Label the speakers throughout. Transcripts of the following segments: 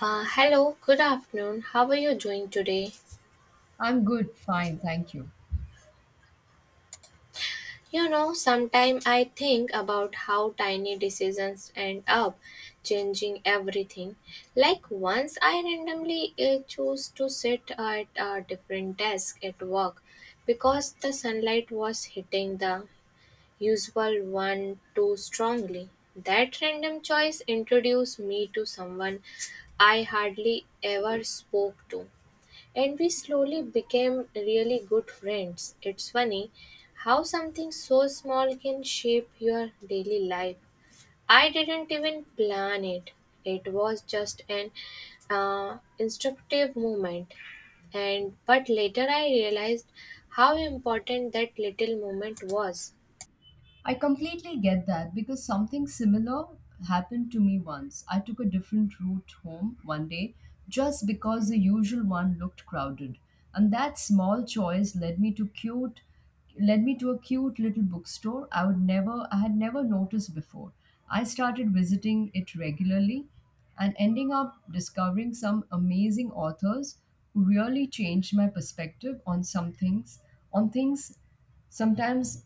Speaker 1: Hello, good afternoon. How are you doing today?
Speaker 2: I'm good, fine, thank you.
Speaker 1: You know, sometimes I think about how tiny decisions end up changing everything. Like once I randomly chose to sit at a different desk at work because the sunlight was hitting the usual one too strongly. That random choice introduced me to someone I hardly ever spoke to, and we slowly became really good friends. It's funny how something so small can shape your daily life. I didn't even plan it. It was just an instructive moment. And but later I realized how important that little moment was.
Speaker 2: I completely get that because something similar happened to me once. I took a different route home one day just because the usual one looked crowded. And that small choice led me to a cute little bookstore I had never noticed before. I started visiting it regularly and ending up discovering some amazing authors who really changed my perspective on things. Sometimes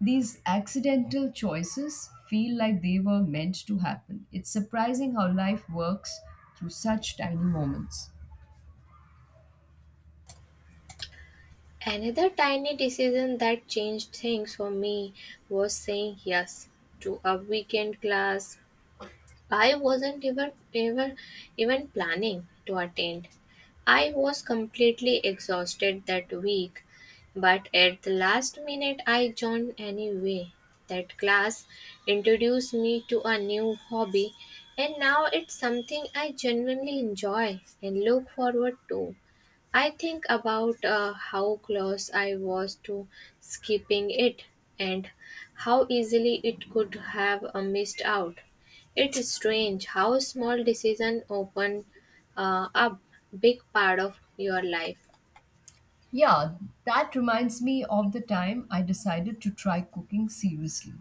Speaker 2: these accidental choices feel like they were meant to happen. It's surprising how life works through such tiny moments.
Speaker 1: Another tiny decision that changed things for me was saying yes to a weekend class I wasn't even even planning to attend. I was completely exhausted that week, but at the last minute I joined anyway. That class introduced me to a new hobby, and now it's something I genuinely enjoy and look forward to. I think about how close I was to skipping it and how easily it could have missed out. It's strange how small decisions open up big part of your life.
Speaker 2: Yeah, that reminds me of the time I decided to try cooking seriously.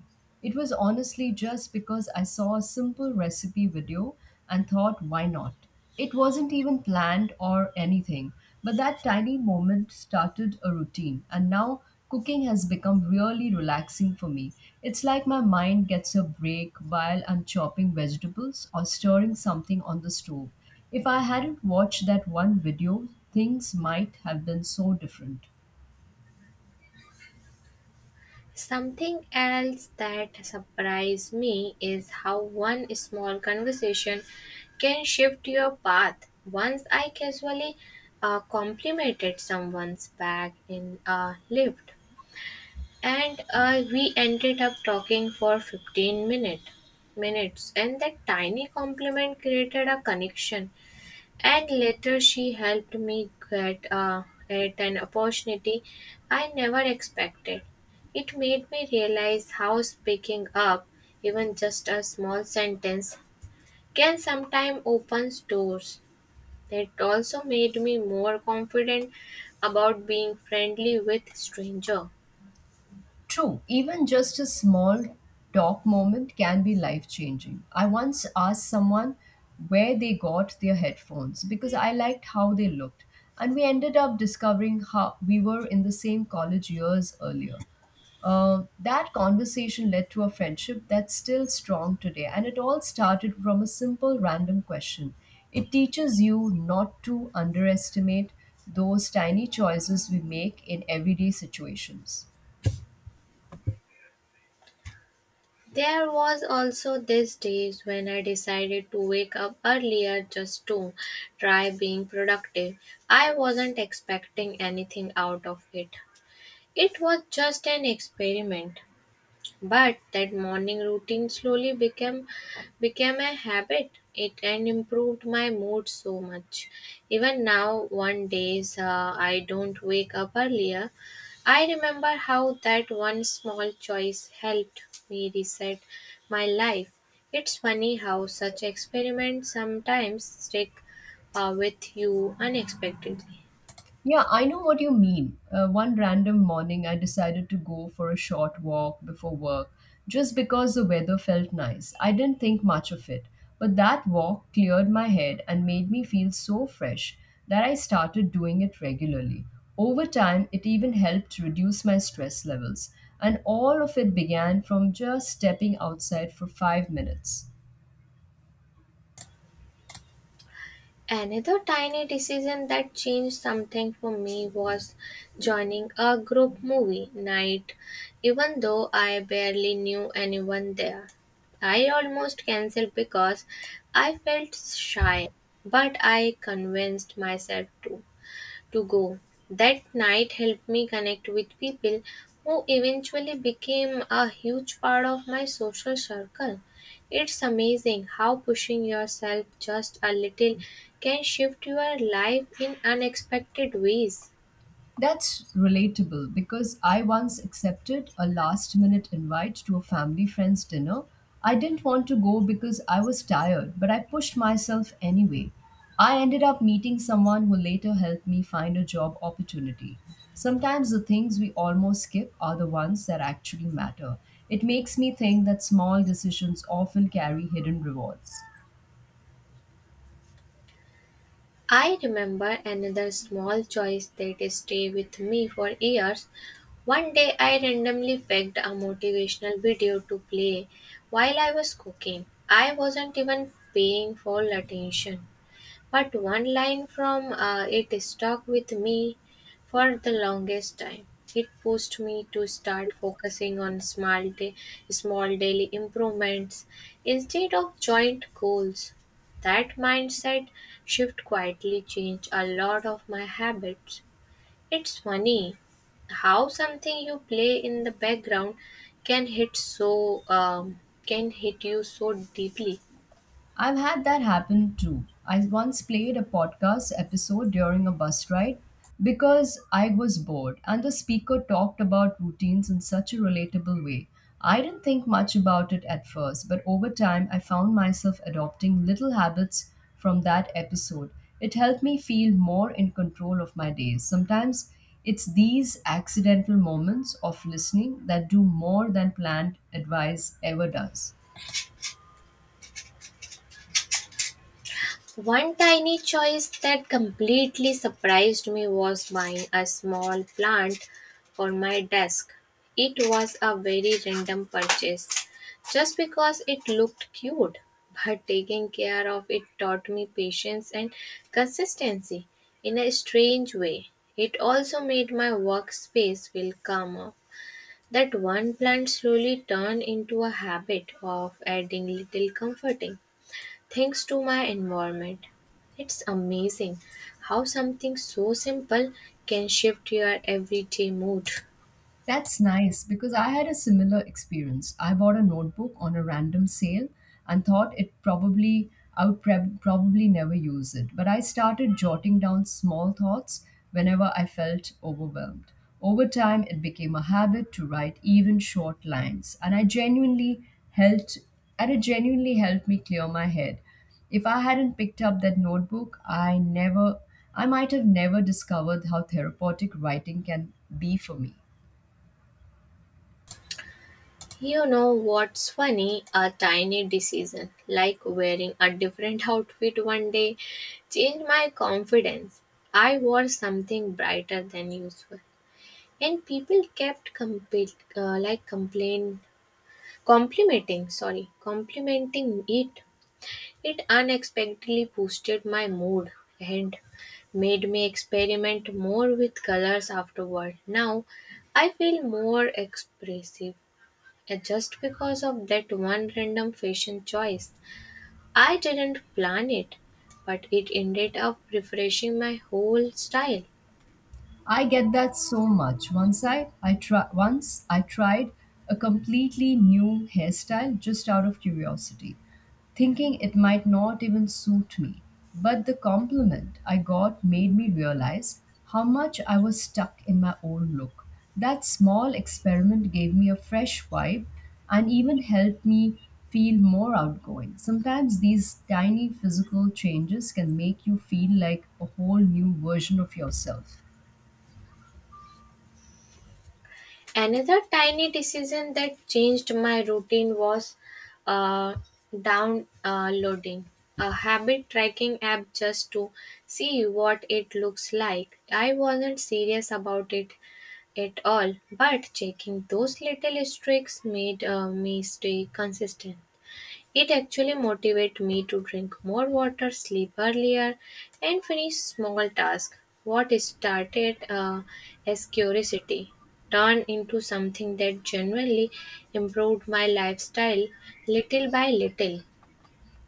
Speaker 2: It was honestly just because I saw a simple recipe video and thought, why not? It wasn't even planned or anything, but that tiny moment started a routine, and now cooking has become really relaxing for me. It's like my mind gets a break while I'm chopping vegetables or stirring something on the stove. If I hadn't watched that one video, things might have been so different.
Speaker 1: Something else that surprised me is how one small conversation can shift your path. Once I casually complimented someone's bag in a lift, and we ended up talking for 15 minutes, and that tiny compliment created a connection. And later she helped me get a at an opportunity I never expected. It made me realize how speaking up, even just a small sentence, can sometimes open doors. It also made me more confident about being friendly with strangers.
Speaker 2: True, even just a small talk moment can be life changing. I once asked someone where they got their headphones because I liked how they looked, and we ended up discovering how we were in the same college years earlier. That conversation led to a friendship that's still strong today, and it all started from a simple random question. It teaches you not to underestimate those tiny choices we make in everyday situations.
Speaker 1: There was also these days when I decided to wake up earlier just to try being productive. I wasn't expecting anything out of it. It was just an experiment. But that morning routine slowly became a habit. It and improved my mood so much. Even now, one days I don't wake up earlier. I remember how that one small choice helped me reset my life. It's funny how such experiments sometimes stick with you unexpectedly.
Speaker 2: Yeah, I know what you mean. One random morning, I decided to go for a short walk before work just because the weather felt nice. I didn't think much of it, but that walk cleared my head and made me feel so fresh that I started doing it regularly. Over time, it even helped reduce my stress levels, and all of it began from just stepping outside for 5 minutes.
Speaker 1: Another tiny decision that changed something for me was joining a group movie night. Even though I barely knew anyone there, I almost cancelled because I felt shy, but I convinced myself to go. That night helped me connect with people who eventually became a huge part of my social circle. It's amazing how pushing yourself just a little can shift your life in unexpected ways.
Speaker 2: That's relatable because I once accepted a last minute invite to a family friend's dinner. I didn't want to go because I was tired, but I pushed myself anyway. I ended up meeting someone who later helped me find a job opportunity. Sometimes the things we almost skip are the ones that actually matter. It makes me think that small decisions often carry hidden rewards.
Speaker 1: I remember another small choice that stayed with me for years. One day I randomly picked a motivational video to play while I was cooking. I wasn't even paying full attention. But one line from it stuck with me for the longest time. It pushed me to start focusing on small daily improvements instead of joint goals. That mindset shift quietly changed a lot of my habits. It's funny how something you play in the background can hit so can hit you so deeply.
Speaker 2: I've had that happen too. I once played a podcast episode during a bus ride because I was bored, and the speaker talked about routines in such a relatable way. I didn't think much about it at first, but over time, I found myself adopting little habits from that episode. It helped me feel more in control of my days. Sometimes it's these accidental moments of listening that do more than planned advice ever does.
Speaker 1: One tiny choice that completely surprised me was buying a small plant for my desk. It was a very random purchase just because it looked cute, but taking care of it taught me patience and consistency in a strange way. It also made my workspace feel calmer. That one plant slowly turned into a habit of adding little comforting thanks to my environment. It's amazing how something so simple can shift your everyday mood.
Speaker 2: That's nice because I had a similar experience. I bought a notebook on a random sale and thought it probably I would probably never use it, but I started jotting down small thoughts whenever I felt overwhelmed. Over time, it became a habit to write even short lines, helped and it genuinely helped me clear my head. If I hadn't picked up that notebook, I might have never discovered how therapeutic writing can be for me.
Speaker 1: You know what's funny? A tiny decision like wearing a different outfit one day changed my confidence. I wore something brighter than usual, and people kept compa- like complain complimenting sorry complimenting it. It unexpectedly boosted my mood and made me experiment more with colors afterward. Now I feel more expressive just because of that one random fashion choice. I didn't plan it, but it ended up refreshing my whole style.
Speaker 2: I get that so much. Once I tried a completely new hairstyle just out of curiosity, thinking it might not even suit me. But the compliment I got made me realize how much I was stuck in my old look. That small experiment gave me a fresh vibe and even helped me feel more outgoing. Sometimes these tiny physical changes can make you feel like a whole new version of yourself.
Speaker 1: Another tiny decision that changed my routine was uh, downloading a habit tracking app just to see what it looks like. I wasn't serious about it at all, but checking those little streaks made me stay consistent. It actually motivated me to drink more water, sleep earlier, and finish small tasks. What started as curiosity turned into something that genuinely improved my lifestyle little by little.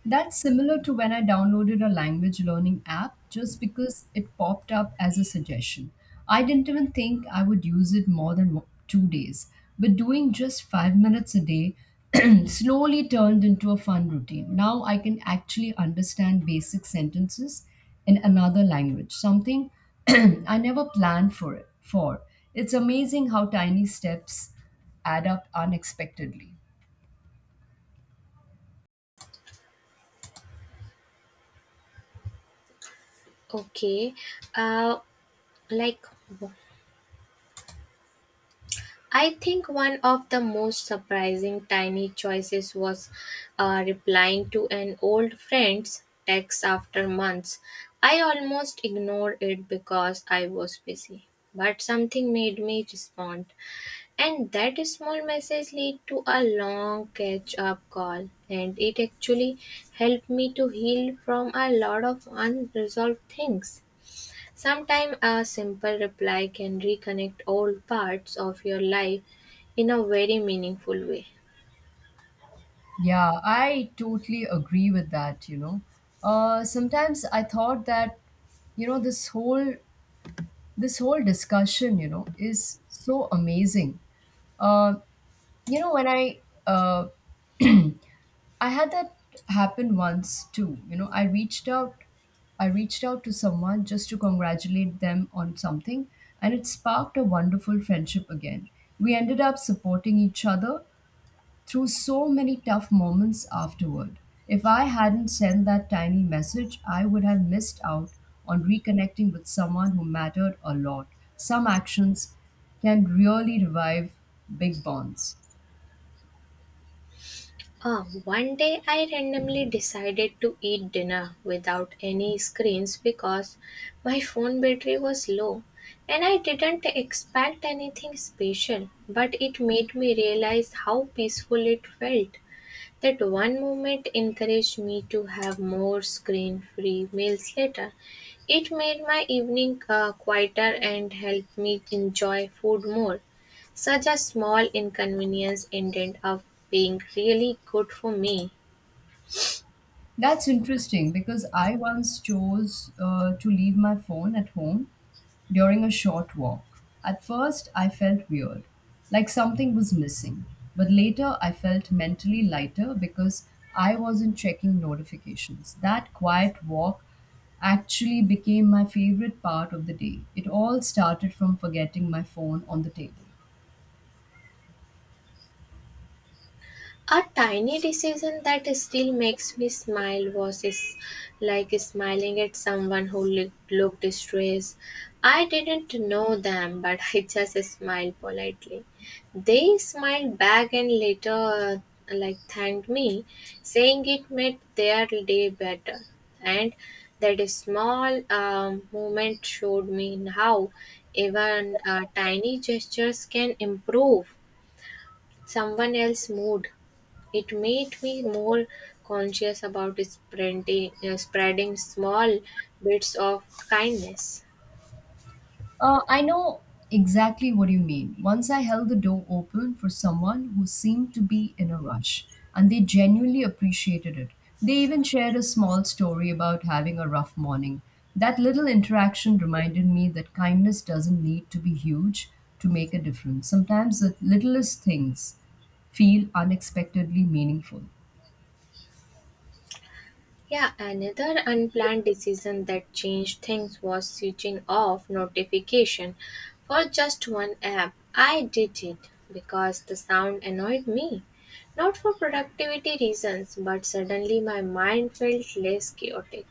Speaker 2: That's similar to when I downloaded a language learning app just because it popped up as a suggestion. I didn't even think I would use it more than 2 days, but doing just 5 minutes a day slowly turned into a fun routine. Now I can actually understand basic sentences in another language, something I never planned for it for. It's amazing how tiny steps add up unexpectedly.
Speaker 1: Okay, uh, like I think one of the most surprising tiny choices was replying to an old friend's text after months. I almost ignored it because I was busy, but something made me respond, and that small message led to a long catch up call, and it actually helped me to heal from a lot of unresolved things. Sometimes a simple reply can reconnect old parts of your life in a very meaningful way.
Speaker 2: Yeah, I totally agree with that. Sometimes I thought that, this whole discussion, is so amazing. Uh, you know, when uh, I had that happen once too. I reached out to someone just to congratulate them on something, and it sparked a wonderful friendship again. We ended up supporting each other through so many tough moments afterward. If I hadn't sent that tiny message, I would have missed out on reconnecting with someone who mattered a lot. Some actions can really revive big bonds.
Speaker 1: Ah, one day I randomly decided to eat dinner without any screens because my phone battery was low, and I didn't expect anything special, but it made me realize how peaceful it felt. That one moment encouraged me to have more screen free meals later. It made my evening quieter and helped me enjoy food more. Such a small inconvenience ended up being really good for me.
Speaker 2: That's interesting because I once chose to leave my phone at home during a short walk. At first, I felt weird, like something was missing. But later, I felt mentally lighter because I wasn't checking notifications. That quiet walk actually became my favorite part of the day. It all started from forgetting my phone on the table.
Speaker 1: A tiny decision that still makes me smile was is like smiling at someone who looked distressed. I didn't know them, but I just smiled politely. They smiled back and later thanked me, saying it made their day better. And that small moment showed me how even tiny gestures can improve someone else's mood. It made me more conscious about spreading small bits of kindness.
Speaker 2: I know exactly what you mean. Once I held the door open for someone who seemed to be in a rush, and they genuinely appreciated it. They even shared a small story about having a rough morning. That little interaction reminded me that kindness doesn't need to be huge to make a difference. Sometimes the littlest things feel unexpectedly meaningful.
Speaker 1: Yeah, another unplanned decision that changed things was switching off notification for just one app. I did it because the sound annoyed me. Not for productivity reasons, but suddenly my mind felt less chaotic,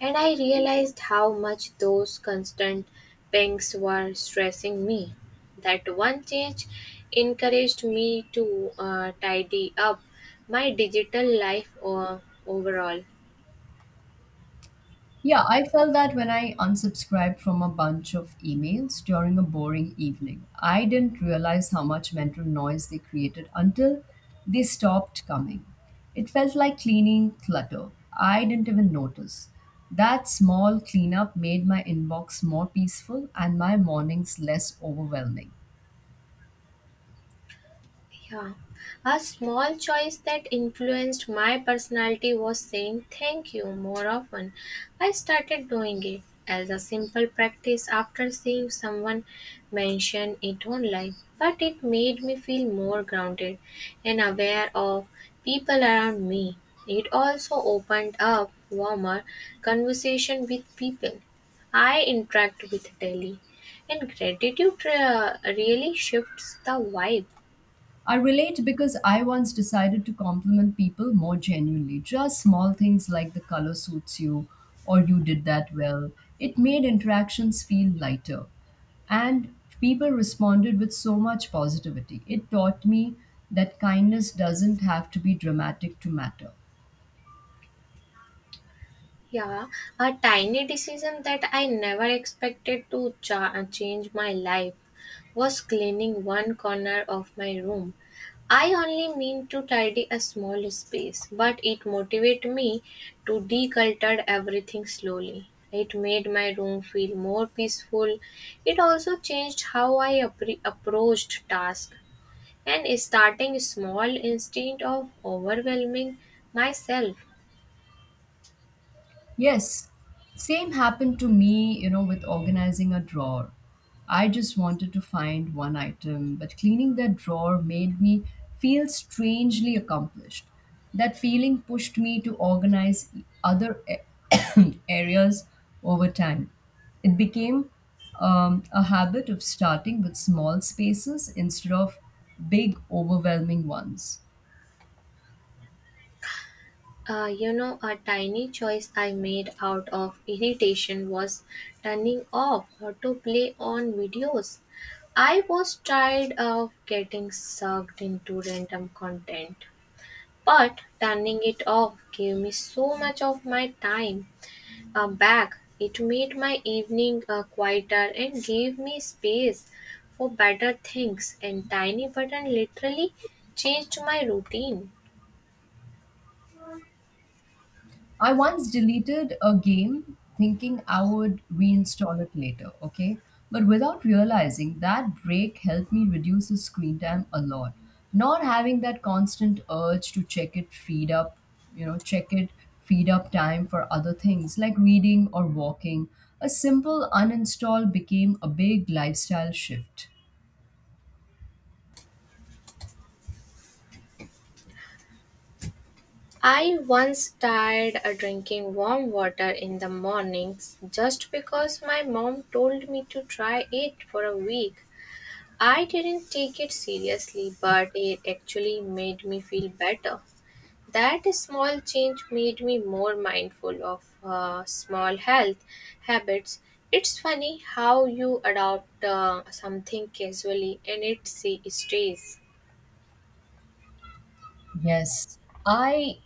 Speaker 1: and I realized how much those constant pings were stressing me. That one change encouraged me to tidy up my digital life overall.
Speaker 2: Yeah, I felt that when I unsubscribed from a bunch of emails during a boring evening. I didn't realize how much mental noise they created until they stopped coming. It felt like cleaning clutter. I didn't even notice. That small cleanup made my inbox more peaceful and my mornings less overwhelming.
Speaker 1: Yeah. A small choice that influenced my personality was saying thank you more often. I started doing it as a simple practice after seeing someone mention it online, but it made me feel more grounded and aware of people around me. It also opened up warmer conversation with people I interact with daily, and gratitude really shifts the vibe.
Speaker 2: I relate because I once decided to compliment people more genuinely. Just small things like the color suits you or you did that well. It made interactions feel lighter. And people responded with so much positivity. It taught me that kindness doesn't have to be dramatic to matter.
Speaker 1: Yeah, a tiny decision that I never expected to change my life was cleaning one corner of my room. I only mean to tidy a small space, but it motivated me to declutter everything slowly. It made my room feel more peaceful. It also changed how I approached tasks and starting small instead of overwhelming myself.
Speaker 2: Yes, same happened to me, with organizing a drawer. I just wanted to find one item, but cleaning that drawer made me feel strangely accomplished. That feeling pushed me to organize other areas over time. It became a habit of starting with small spaces instead of big, overwhelming ones.
Speaker 1: You know, a tiny choice I made out of irritation was turning off auto play on videos. I was tired of getting sucked into random content, but turning it off gave me so much of my time back. It made my evening quieter and gave me space for better things, and Tiny Button literally changed my routine.
Speaker 2: I once deleted a game thinking I would reinstall it later, okay? But without realizing that break helped me reduce the screen time a lot. Not having that constant urge to check it freed up, you know, check it freed up time for other things like reading or walking. A simple uninstall became a big lifestyle shift.
Speaker 1: I once tried drinking warm water in the mornings just because my mom told me to try it for a week. I didn't take it seriously, but it actually made me feel better. That small change made me more mindful of small health habits. It's funny how you adopt something casually and it see- stays.
Speaker 2: Yes. I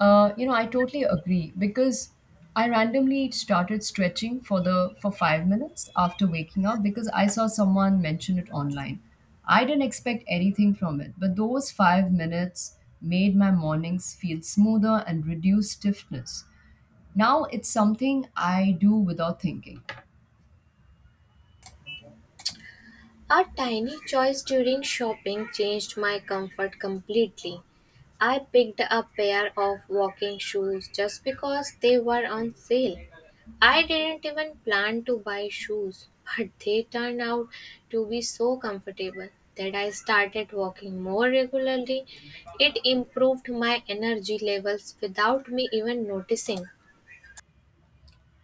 Speaker 2: I totally agree because I randomly started stretching for 5 minutes after waking up because I saw someone mention it online. I didn't expect anything from it, but those 5 minutes made my mornings feel smoother and reduced stiffness. Now it's something I do without thinking.
Speaker 1: A tiny choice during shopping changed my comfort completely. I picked a pair of walking shoes just because they were on sale. I didn't even plan to buy shoes, but they turned out to be so comfortable that I started walking more regularly. It improved my energy levels without me even noticing.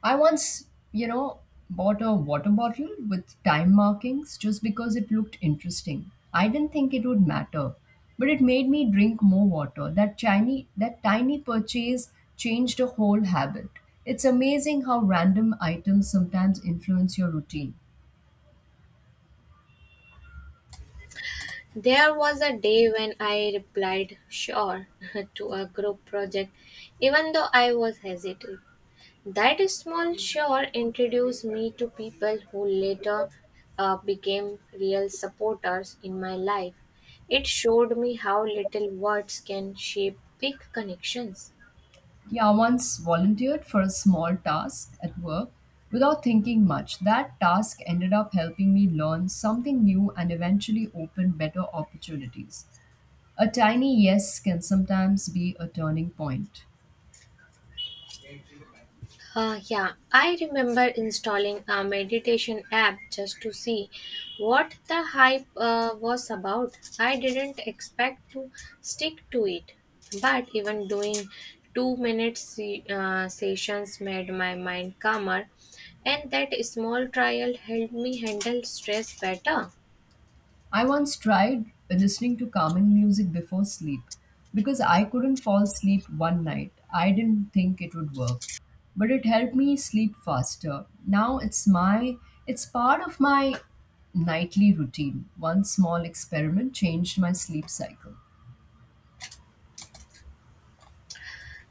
Speaker 2: I once bought a water bottle with time markings just because it looked interesting. I didn't think it would matter, but it made me drink more water. That tiny purchase changed a whole habit. It's amazing how random items sometimes influence your routine.
Speaker 1: There was a day when I replied "sure" to a group project, even though I was hesitant. That small "sure" introduced me to people who later became real supporters in my life. It showed me how little words can shape big connections.
Speaker 2: Yeah, I once volunteered for a small task at work without thinking much. That task ended up helping me learn something new and eventually open better opportunities. A tiny yes can sometimes be a turning point.
Speaker 1: Yeah, I remember installing a meditation app just to see what the hype was about. I didn't expect to stick to it, but even doing two minute sessions made my mind calmer, and that small trial helped me handle stress better.
Speaker 2: I once tried listening to calming music before sleep because I couldn't fall asleep one night. I didn't think it would work, but it helped me sleep faster. Now it's part of my nightly routine. One small experiment changed my sleep cycle.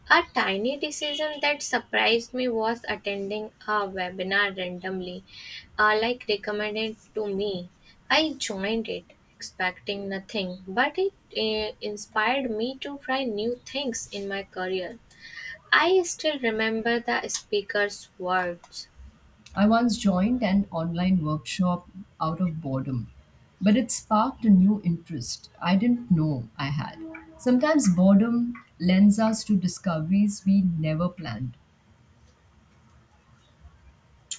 Speaker 1: A tiny decision that surprised me was attending a webinar randomly, recommended to me. I joined it expecting nothing, but it inspired me to try new things in my career. I still remember the speaker's words.
Speaker 2: I once joined an online workshop out of boredom, but it sparked a new interest I didn't know I had. Sometimes boredom lends us to discoveries we never planned.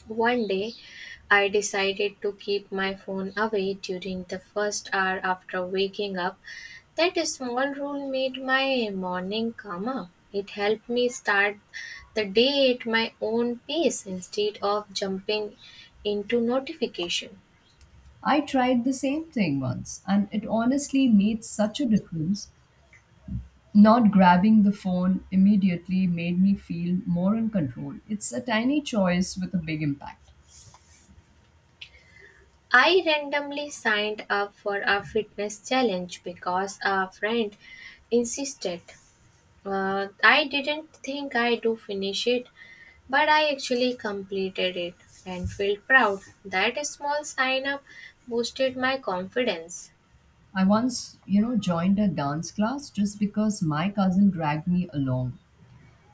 Speaker 1: One day, I decided to keep my phone away during the first hour after waking up. That small rule made my morning calmer. It helped me start the day at my own pace instead of jumping into notification.
Speaker 2: I tried the same thing once, and it honestly made such a difference. Not grabbing the phone immediately made me feel more in control. It's a tiny choice with a big impact.
Speaker 1: I randomly signed up for a fitness challenge because a friend insisted. I didn't think I do finish it, but I actually completed it and felt proud. That small sign up boosted my confidence.
Speaker 2: I once joined a dance class just because my cousin dragged me along.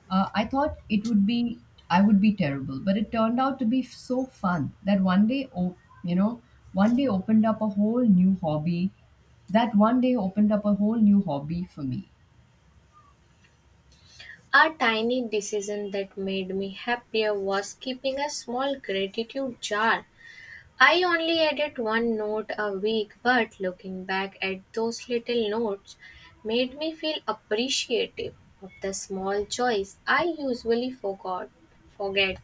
Speaker 2: I thought it would be I would be terrible, but it turned out to be so fun that one day, oh, you know, one day opened up a whole new hobby. That one day opened up a whole new hobby for me.
Speaker 1: A tiny decision that made me happier was keeping a small gratitude jar. I only added one note a week, but looking back at those little notes made me feel appreciative of the small joys I usually forgot forget.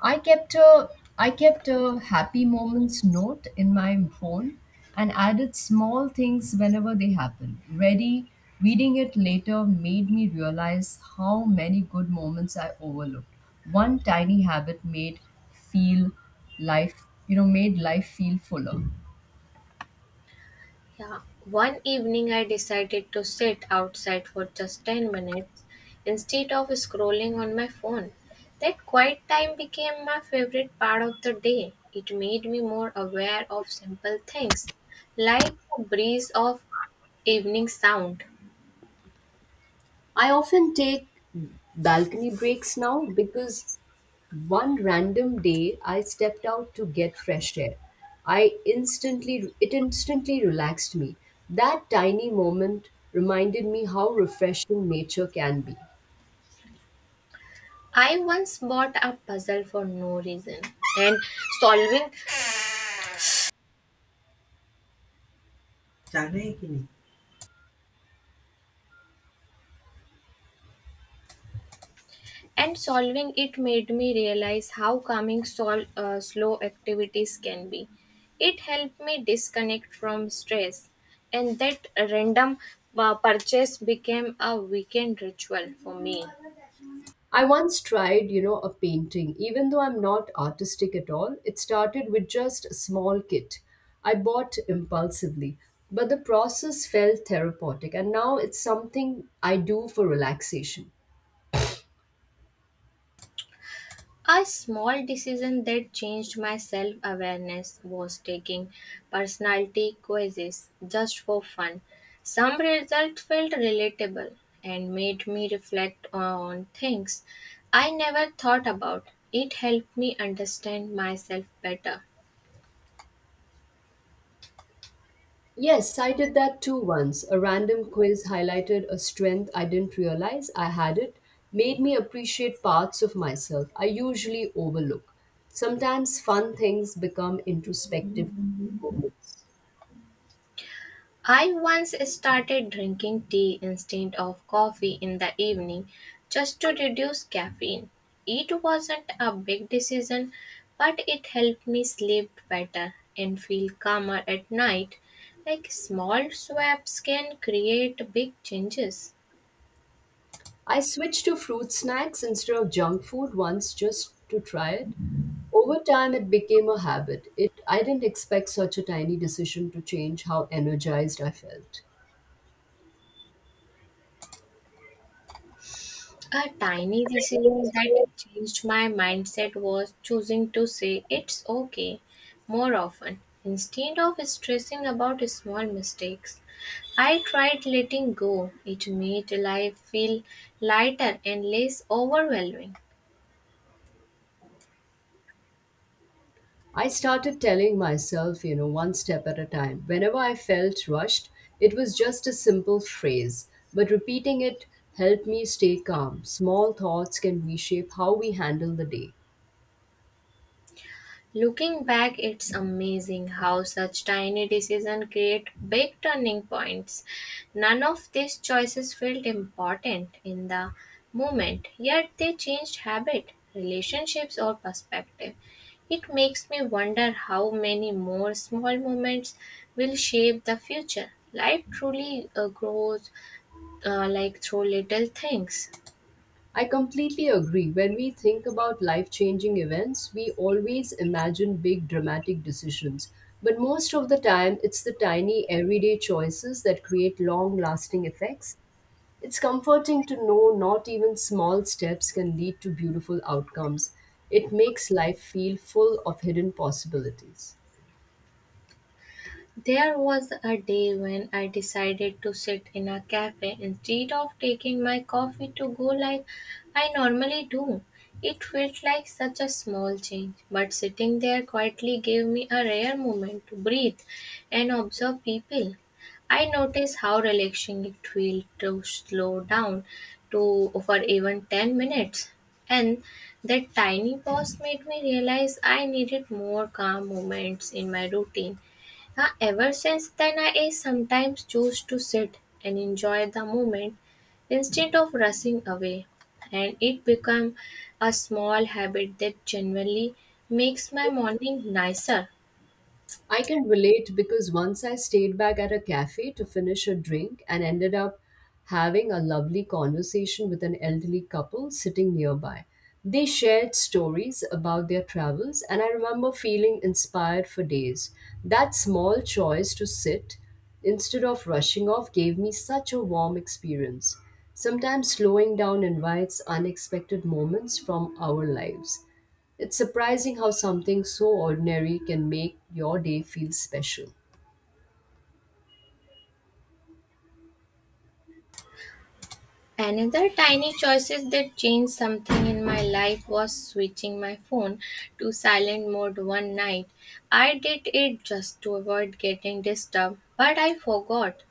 Speaker 2: I kept a I kept a happy moments note in my phone and added small things whenever they happened. Ready reading it later made me realize how many good moments I overlooked. One tiny habit made feel life you know made life feel fuller.
Speaker 1: Yeah. One evening, I decided to sit outside for just 10 minutes instead of scrolling on my phone. That quiet time became my favorite part of the day. It made me more aware of simple things, like the breeze of evening sound.
Speaker 2: I often take balcony breaks now because one random day I stepped out to get fresh air. I instantly it instantly relaxed me. That tiny moment reminded me how refreshing nature can be.
Speaker 1: I once bought a puzzle for no reason, and solving solving it made me realize how calming slow activities can be. It helped me disconnect from stress, and that random purchase became a weekend ritual for me.
Speaker 2: I once tried a painting. Even though I'm not artistic at all, it started with just a small kit I bought impulsively. But the process felt therapeutic, and now it's something I do for relaxation.
Speaker 1: A small decision that changed my self awareness was taking personality quizzes just for fun. Some results felt relatable and made me reflect on things I never thought about. It helped me understand myself better.
Speaker 2: Yes, I did that too once. A random quiz highlighted a strength I didn't realize I had it, made me appreciate parts of myself I usually overlook. Sometimes fun things become introspective moments.
Speaker 1: I once started drinking tea instead of coffee in the evening just to reduce caffeine. It wasn't a big decision, but it helped me sleep better and feel calmer at night. Like small swaps can create big changes.
Speaker 2: I switched to fruit snacks instead of junk food once just to try it. Over time, it became a habit. It, I didn't expect such a tiny decision to change how energized I felt.
Speaker 1: A tiny decision that changed my mindset was choosing to say it's okay more often. Instead of stressing about small mistakes, I tried letting go. It made life feel lighter and less overwhelming.
Speaker 2: I started telling myself, one step at a time. Whenever I felt rushed, it was just a simple phrase, but repeating it helped me stay calm. Small thoughts can reshape how we handle the day.
Speaker 1: Looking back, it's amazing how such tiny decisions create big turning points. None of these choices felt important in the moment, yet they changed habit, relationships, or perspective. It makes me wonder how many more small moments will shape the future. Life truly grows like through little things.
Speaker 2: I completely agree. When we think about life changing events, we always imagine big dramatic decisions. But most of the time, it's the tiny everyday choices that create long lasting effects. It's comforting to know not even small steps can lead to beautiful outcomes. It makes life feel full of hidden possibilities.
Speaker 1: There was a day when I decided to sit in a cafe instead of taking my coffee to go like I normally do. It felt like such a small change, but sitting there quietly gave me a rare moment to breathe and observe people. I noticed how relaxing it felt to slow down to for even 10 minutes. And that tiny pause made me realize I needed more calm moments in my routine. Ever since then, I sometimes choose to sit and enjoy the moment instead of rushing away, and it become a small habit that genuinely makes my morning nicer.
Speaker 2: I can relate because once I stayed back at a cafe to finish a drink and ended up having a lovely conversation with an elderly couple sitting nearby. They shared stories about their travels, and I remember feeling inspired for days. That small choice to sit instead of rushing off gave me such a warm experience. Sometimes slowing down invites unexpected moments from our lives. It's surprising how something so ordinary can make your day feel special.
Speaker 1: Another tiny choices that changed something in my life was switching my phone to silent mode one night. I did it just to avoid getting disturbed, but I forgot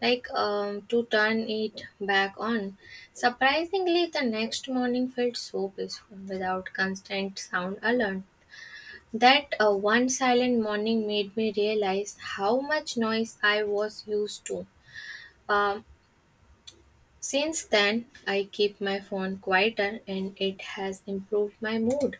Speaker 1: to turn it back on. Surprisingly, the next morning felt so peaceful without constant sound alarm. That one silent morning made me realize how much noise I was used to. Um, since then, I keep my phone quieter and it has improved my mood.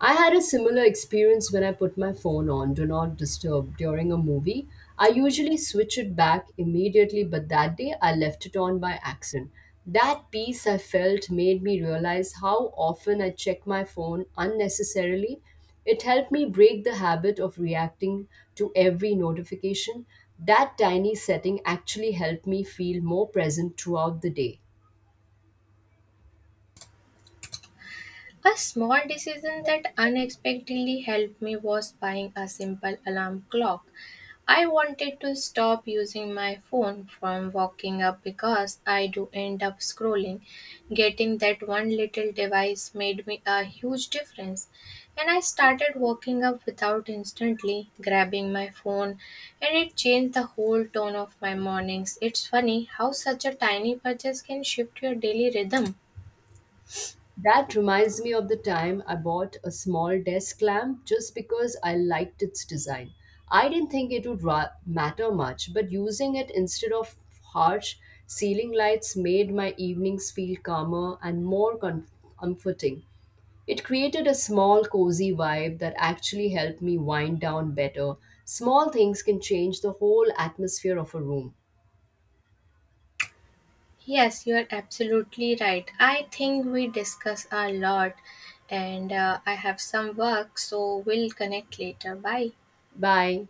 Speaker 2: I had a similar experience when I put my phone on Do Not Disturb during a movie. I usually switch it back immediately, but that day I left it on by accident. That peace I felt made me realize how often I check my phone unnecessarily. It helped me break the habit of reacting to every notification. That tiny setting actually helped me feel more present throughout the day.
Speaker 1: A small decision that unexpectedly helped me was buying a simple alarm clock. I wanted to stop using my phone from waking up because I do end up scrolling. Getting that one little device made me a huge difference, and I started waking up without instantly grabbing my phone, and it changed the whole tone of my mornings. It's funny how such a tiny purchase can shift your daily rhythm.
Speaker 2: That reminds me of the time I bought a small desk lamp just because I liked its design. I didn't think it would matter much, but using it instead of harsh ceiling lights made my evenings feel calmer and more comforting. It created a small, cozy vibe that actually helped me wind down better. Small things can change the whole atmosphere of a room.
Speaker 1: Yes, you are absolutely right. I think we discuss a lot, and I have some work, so we'll connect later. Bye.
Speaker 2: Bye.